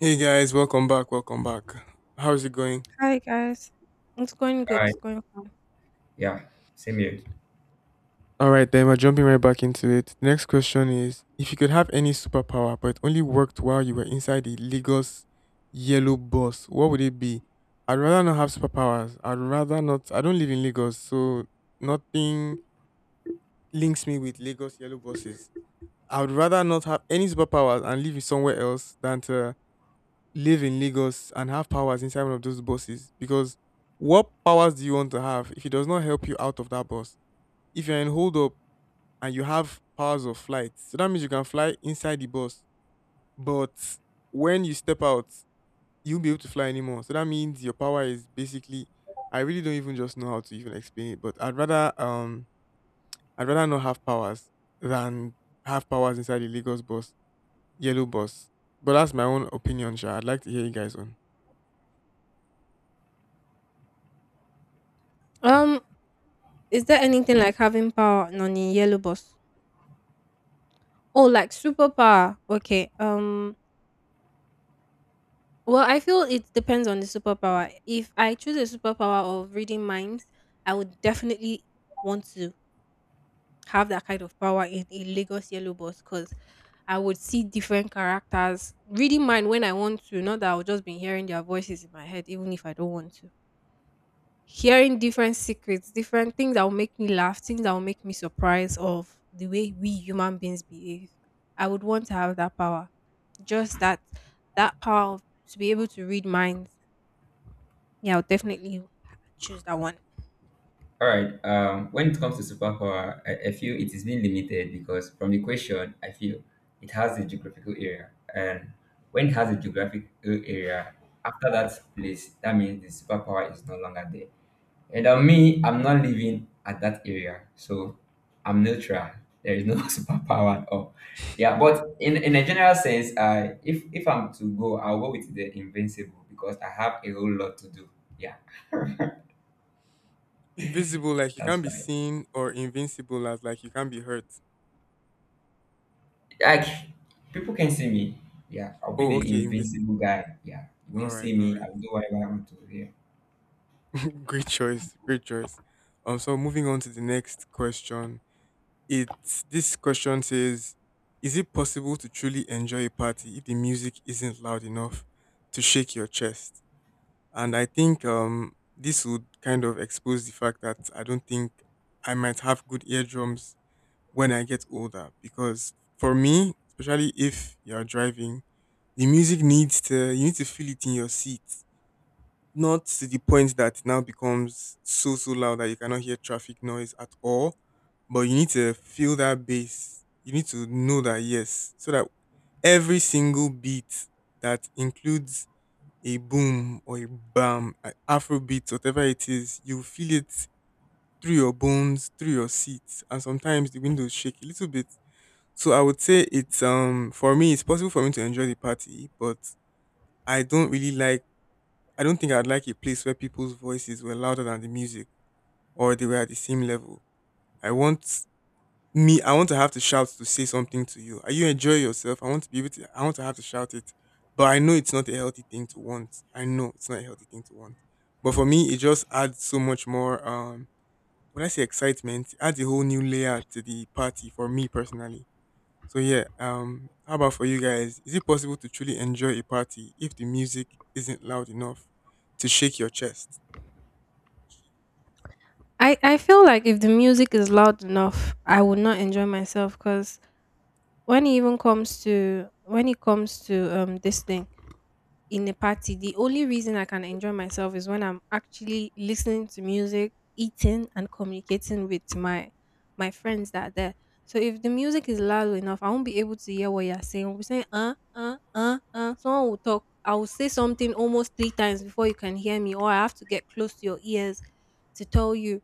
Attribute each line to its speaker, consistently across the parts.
Speaker 1: Hey guys, welcome back. Welcome back. How's it going?
Speaker 2: Hi guys, it's going good.
Speaker 3: Alright.
Speaker 2: It's going fine.
Speaker 3: Yeah, same here.
Speaker 1: All right, then we're jumping right back into it. The next question is if you could have any superpower but it only worked while you were inside the Lagos yellow bus, what would it be? I'd rather not have superpowers. I'd rather not. I don't live in Lagos, so nothing links me with Lagos yellow buses. I would rather not have any superpowers and live in somewhere else than to live in Lagos and have powers inside one of those buses because what powers do you want to have if it does not help you out of that bus? If you're in hold up and you have powers of flight, so that means you can fly inside the bus, but when you step out, you won't be able to fly anymore. So that means your power is basically I really don't even just know how to even explain it, but I'd rather not have powers than have powers inside the Lagos bus, yellow bus. But that's my own opinion, Sha. I'd like to hear you guys on.
Speaker 2: Um, is there anything like having power and on a yellow bus? Oh, like superpower. Okay. Well, I feel it depends on the superpower. If I choose a superpower of reading minds, I would definitely want to have that kind of power in a Lagos yellow bus because I would see different characters reading mind when I want to. Not that I would just be hearing their voices in my head, even if I don't want to. Hearing different secrets, different things that will make me laugh, things that will make me surprised of the way we human beings behave. I would want to have that power. Just that power of, to be able to read minds. Yeah, I'll definitely choose that one.
Speaker 3: All right. When it comes to superpower, I feel it is being limited because from the question, I feel it has a geographical area, and when it has a geographical area, after that place, that means the superpower is no longer there. And on me, I'm not living at that area, so I'm neutral. There is no superpower at all. Yeah, but in a general sense, I if I'm to go, I'll go with the invincible because I have a whole lot to do. Yeah,
Speaker 1: Invisible, like you can't
Speaker 3: that's
Speaker 1: be
Speaker 3: right.
Speaker 1: seen, or invincible, as like you can't be hurt.
Speaker 3: Like people can see me. Yeah, I'll be
Speaker 1: Oh,
Speaker 3: the
Speaker 1: okay, invisible.
Speaker 3: invincible guy. Yeah, you
Speaker 1: All
Speaker 3: won't
Speaker 1: right,
Speaker 3: see
Speaker 1: all
Speaker 3: me. I'll do whatever I want to. Yeah.
Speaker 1: right. Great choice, great choice. So moving on to the next question. It's this question says, is it possible to truly enjoy a party if the music isn't loud enough to shake your chest? And I think this would kind of expose the fact that I don't think I might have good eardrums when I get older because for me, especially if you're driving, the music needs to you need to feel it in your seat, not to the point that it now becomes so loud that you cannot hear traffic noise at all. But you need to feel that bass. You need to know that, yes, so that every single beat that includes a boom or a bam, a Afro beat, whatever it is, you feel it through your bones, through your seats, and sometimes the windows shake a little bit. So I would say it's for me it's possible for me to enjoy the party, but I don't really like, I don't think I'd like a place where people's voices were louder than the music or they were at the same level. I want I want to have to shout to say something to you. Are you enjoying yourself? I want to have to shout it. But I know it's not a healthy thing to want. I know it's not a healthy thing to want. But for me it just adds so much more when I say excitement, it adds a whole new layer to the party for me personally. So yeah, how about for you guys? Is it possible to truly enjoy a party if the music isn't loud enough to shake your chest?
Speaker 2: I feel like if the music is loud enough, I would not enjoy myself because when it comes to this thing in a party, the only reason I can enjoy myself is when I'm actually listening to music, eating, and communicating with my friends that are there. So if the music is loud enough, I won't be able to hear what you're saying. We'll be saying. Someone will talk. I will say something almost three times before you can hear me, or I have to get close to your ears to tell you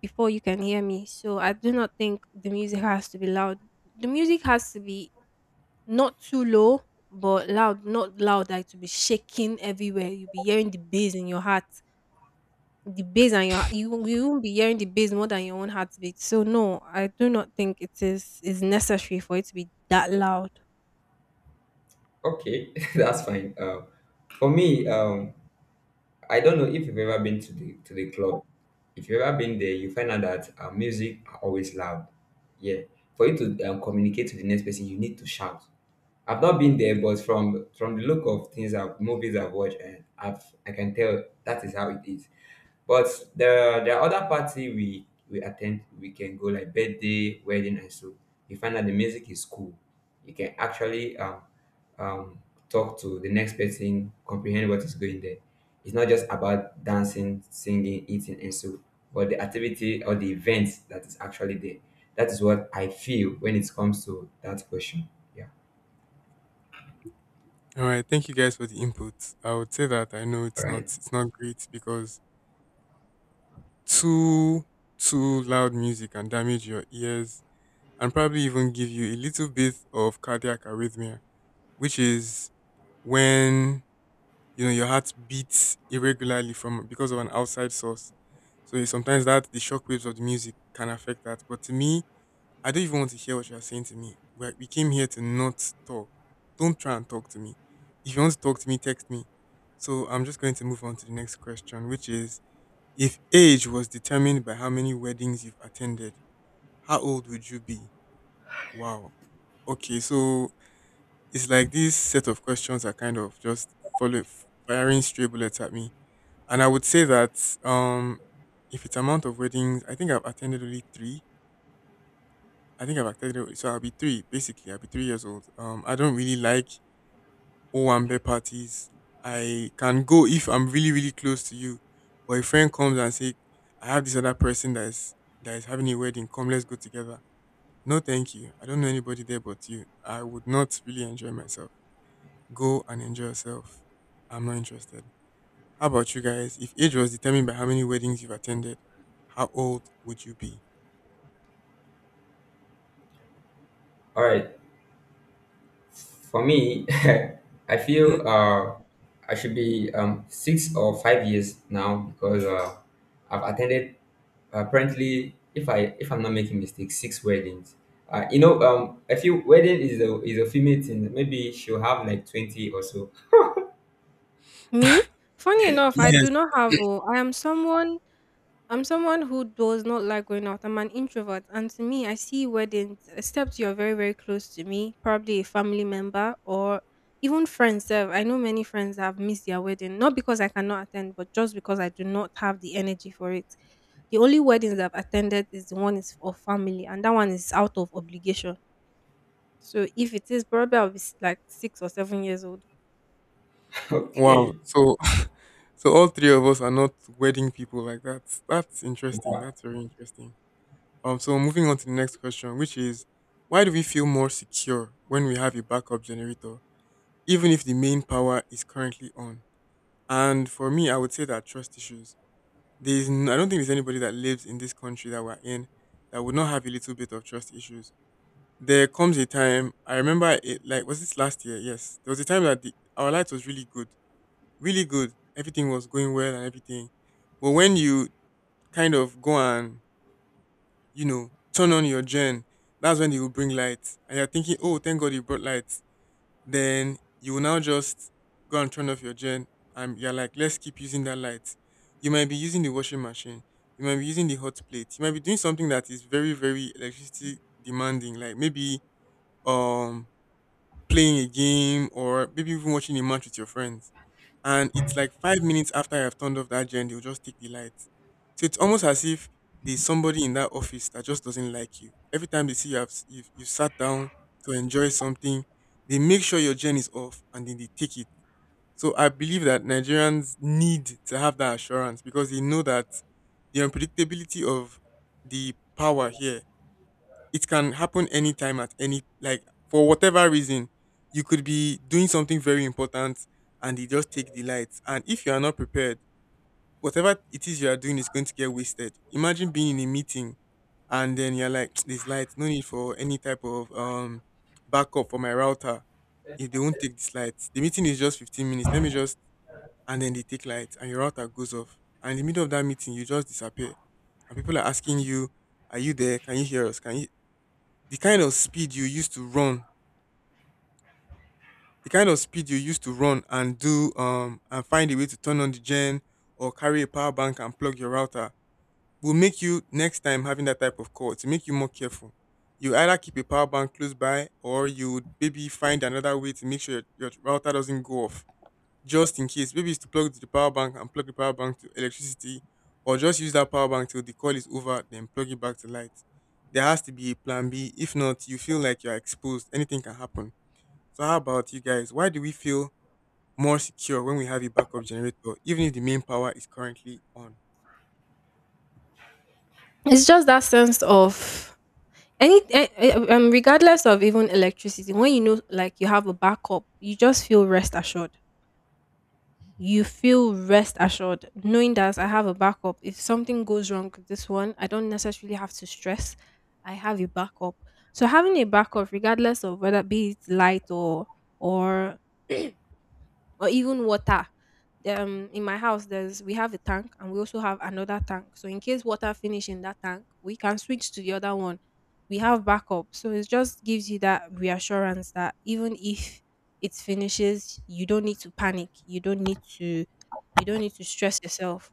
Speaker 2: before you can hear me. So I do not think the music has to be loud. The music has to be not too low, but loud, not loud like to be shaking everywhere. You'll be hearing the bass in your heart. The bass and your you won't be hearing the bass more than your own heartbeat. So no, I do not think it is necessary for it to be that loud.
Speaker 3: Okay, that's fine. For me, I don't know if you've ever been to the club. If you've ever been there, you find out that music are always loud. Yeah, for you to communicate to the next person, you need to shout. I've not been there, but from the look of things, I've movies I've watched, and I've I can tell that is how it is. But the other party we attend, we can go like birthday, wedding, and so you find that the music is cool. You can actually um, talk to the next person, comprehend what is going there. It's not just about dancing, singing, eating, and so, but the activity or the event that is actually there. That is what I feel when it comes to that question. Yeah.
Speaker 1: All right, thank you guys for the input. I would say that I know
Speaker 3: All
Speaker 1: it's not
Speaker 3: right.
Speaker 1: it's not great because too too loud music can damage your ears and probably even give you a little bit of cardiac arrhythmia, which is when you know your heart beats irregularly from because of an outside source. So sometimes that the shock waves of the music can affect that. But to me, I don't even want to hear what you are saying to me. We came here to not talk. Don't try and talk to me. If you want to talk to me, text me. So I'm just going to move on to the next question, which is if age was determined by how many weddings you've attended, how old would you be? Wow. Okay, so it's like this set of questions are kind of just follow firing stray bullets at me. And I would say that if it's amount of weddings, I think I've attended only three. I think I've accepted it. So I'll be three, basically. I'll be 3 years old. I don't really like Owambe parties. I can go if I'm really, really close to you. But a friend comes and say, I have this other person that is having a wedding, come let's go together. No, thank you. I don't know anybody there but you. I would not really enjoy myself. Go and enjoy yourself. I'm not interested. How about you guys? If age was determined by how many weddings you've attended, how old would you be?
Speaker 3: All right. For me, I
Speaker 1: Mhm.
Speaker 3: feel I should be 6 or 5 years now because I've attended apparently, if I'm not making mistakes, 6 weddings. I feel wedding is a female thing. Maybe she'll have like 20 or so.
Speaker 2: Me? Funny enough, I do
Speaker 1: Yes.
Speaker 2: not have oh. I'm someone who does not like going out. I'm an introvert. And to me, I see weddings, except you're very, very close to me, probably a family member or even friends. Sef. I know many friends that have missed their wedding, not because I cannot attend, but just because I do not have the energy for it. The only weddings I've attended is the one is of family, and that one is out of obligation. So if it is, probably I'll be like 6 or 7 years old.
Speaker 1: Wow.
Speaker 3: Okay,
Speaker 1: So all three of us are not wedding people like that. That's interesting. That's very interesting. So moving on to the next question, which is why do we feel more secure when we have a backup generator, even if the main power is currently on? And for me, I would say that trust issues. I don't think there's anybody that lives in this country that we're in that would not have a little bit of trust issues. There comes a time, I remember it, like, was this last year? Yes, there was a time that our light was really good. Everything was going well and everything. But when you kind of go and turn on your gen, that's when you will bring light. And you're thinking, oh, thank God you brought light. Then you will now just go and turn off your gen. And you're like, let's keep using that light. You might be using the washing machine. You might be using the hot plate. You might be doing something that is very, very electricity demanding, like maybe um playing a game or maybe even watching a match with your friends, and it's like 5 minutes after I've turned off that gen, they'll just take the lights. So it's almost as if there's somebody in that office that just doesn't like you. Every time they see you have you you sat down to enjoy something, they make sure your gen is off and then they take it. So I believe that Nigerians need to have that assurance because they know that the unpredictability of the power here, it can happen anytime, at any, like, for whatever reason, you could be doing something very important and they just take the lights. And if you are not prepared, whatever it is you are doing is going to get wasted. Imagine being in a meeting and then you're like, this light, no need for any type of backup for my router. If they won't take this light, the meeting is just 15 minutes, let me just. And then they take light and your router goes off, and in the middle of that meeting you just disappear and people are asking you, are you there? Can you hear us? Can you? The kind of speed you used to run, the kind of speed you used to run and do and find a way to turn on the gen or carry a power bank and plug your router will make you next time having that type of call to make you more careful. You either keep a power bank close by or you would maybe find another way to make sure your router doesn't go off just in case. Maybe it's to plug to the power bank and plug the power bank to electricity, or just use that power bank till the call is over, then plug it back to light. There has to be a plan B. If not, you feel like you're exposed. Anything can happen. So how about you guys? Why do we feel more secure when we have a backup generator, even if the main power is currently on?
Speaker 2: It's just that sense of. Any regardless of even electricity, when you know like you have a backup, you just feel rest assured. You feel rest assured knowing that I have a backup. If something goes wrong with this one, I don't necessarily have to stress. I have a backup. So having a backup, regardless of whether be it light or or even water. In my house, there's we have a tank and we also have another tank. So in case water finish in that tank, we can switch to the other one. We have backup, so it just gives you that reassurance that even if it finishes, you don't need to panic. You don't need to stress yourself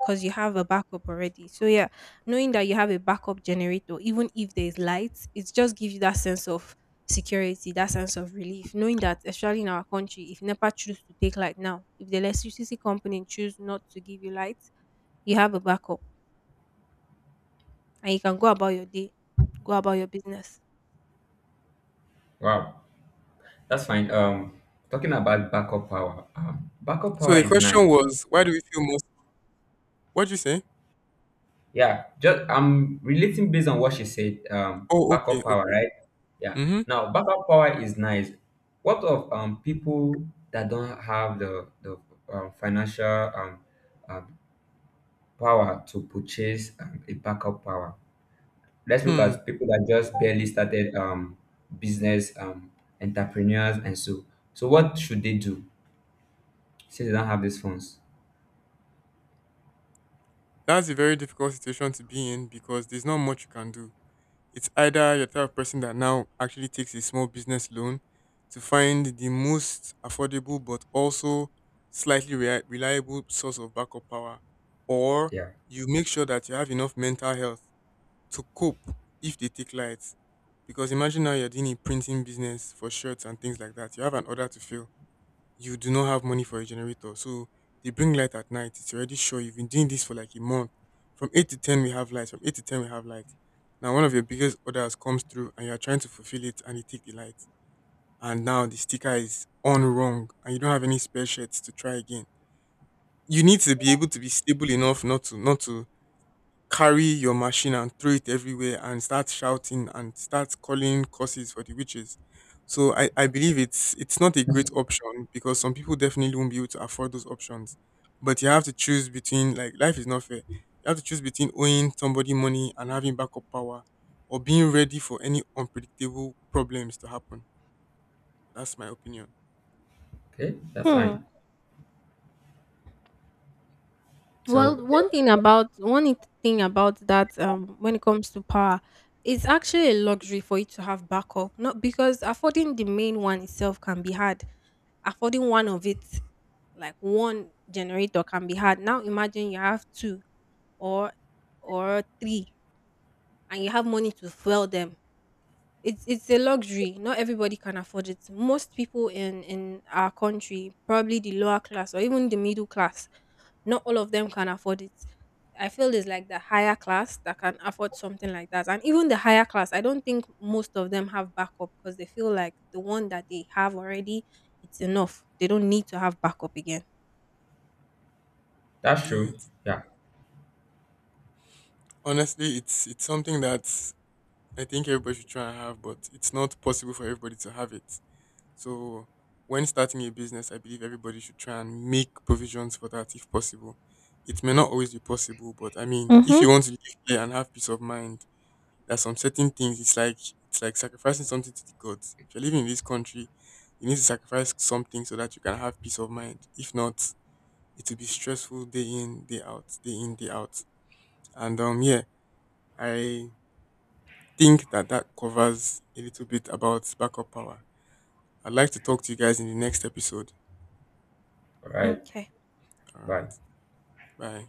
Speaker 2: because you have a backup already. So yeah, knowing that you have a backup generator, even if there is light, it just gives you that sense of security, that sense of relief, knowing that, especially in our country, if NEPA choose to take light now, if the electricity company choose not to give you light, you have a backup and you can go about your day, go about your business.
Speaker 3: wow, that's fine. Talking about backup
Speaker 1: So
Speaker 3: power
Speaker 1: the
Speaker 3: is
Speaker 1: question
Speaker 3: nice.
Speaker 1: was, why do we feel more? What do you say?
Speaker 3: Yeah, just I'm relating based on what she said.
Speaker 1: Oh, okay,
Speaker 3: Backup power,
Speaker 1: okay.
Speaker 3: right? Yeah.
Speaker 1: Mm-hmm.
Speaker 3: Now, backup power is nice. What of people that don't have the financial um, um power to purchase a backup power? Let's look
Speaker 1: Hmm.
Speaker 3: at people that just barely started business entrepreneurs and so. So what should they do since they don't have these funds?
Speaker 1: That's a very difficult situation to be in because there's not much you can do. It's either you're the type of person that now actually takes a small business loan to find the most affordable but also slightly reliable source of backup power, or
Speaker 3: Yeah.
Speaker 1: you make sure that you have enough mental health to cope if they take lights. Because imagine now you're doing a printing business for shirts and things like that. You have an order to fill. You do not have money for a generator. So they bring light at night. It's already sure you've been doing this for like a month. From 8 to 10, we have light. From 8 to 10, we have light. Now, one of your biggest orders comes through and you're trying to fulfill it and they take the light. And now the sticker is on wrong and you don't have any spare shirts to try again. You need to be able to be stable enough not to carry your machine and throw it everywhere and start shouting and start calling curses for the witches. So I believe it's not a great option because some people definitely won't be able to afford those options. But you have to choose between, like, life is not fair. You have to choose between owing somebody money and having backup power or being ready for any unpredictable problems to happen. That's my opinion.
Speaker 3: Okay, that's
Speaker 2: Hmm.
Speaker 3: fine. So
Speaker 2: Well,
Speaker 3: eh,
Speaker 2: thing about that when it comes to power, it's actually a luxury for you to have backup. Not because affording the main one itself can be hard. Affording one of it, like one generator, can be hard. Now imagine you have two or or three and you have money to fuel them. It's a luxury. Not everybody can afford it. Most people in our country, probably the lower class or even the middle class, not all of them can afford it. I feel it's like the higher class that can afford something like that. And even the higher class, I don't think most of them have backup because they feel like the one that they have already, it's enough. They don't need to have backup again.
Speaker 3: that's
Speaker 1: Yeah,
Speaker 3: true. Yeah.
Speaker 1: honestly it's something that I think everybody should try and have, but it's not possible for everybody to have it. So when starting a business, I believe everybody should try and make provisions for that if possible. It may not always be possible, but I mean, if
Speaker 2: Mm-hmm.
Speaker 1: you want to live here and have peace of mind, there are some certain things. It's like sacrificing something to the gods. If you're living in this country, you need to sacrifice something so that you can have peace of mind. If not, it will be stressful day in, day out, day in, day out. And yeah, I think that that covers a little bit about backup power. I'd like to talk to you guys in the next episode.
Speaker 3: All right.
Speaker 2: Okay.
Speaker 1: All
Speaker 3: Bye.
Speaker 1: right. Bye.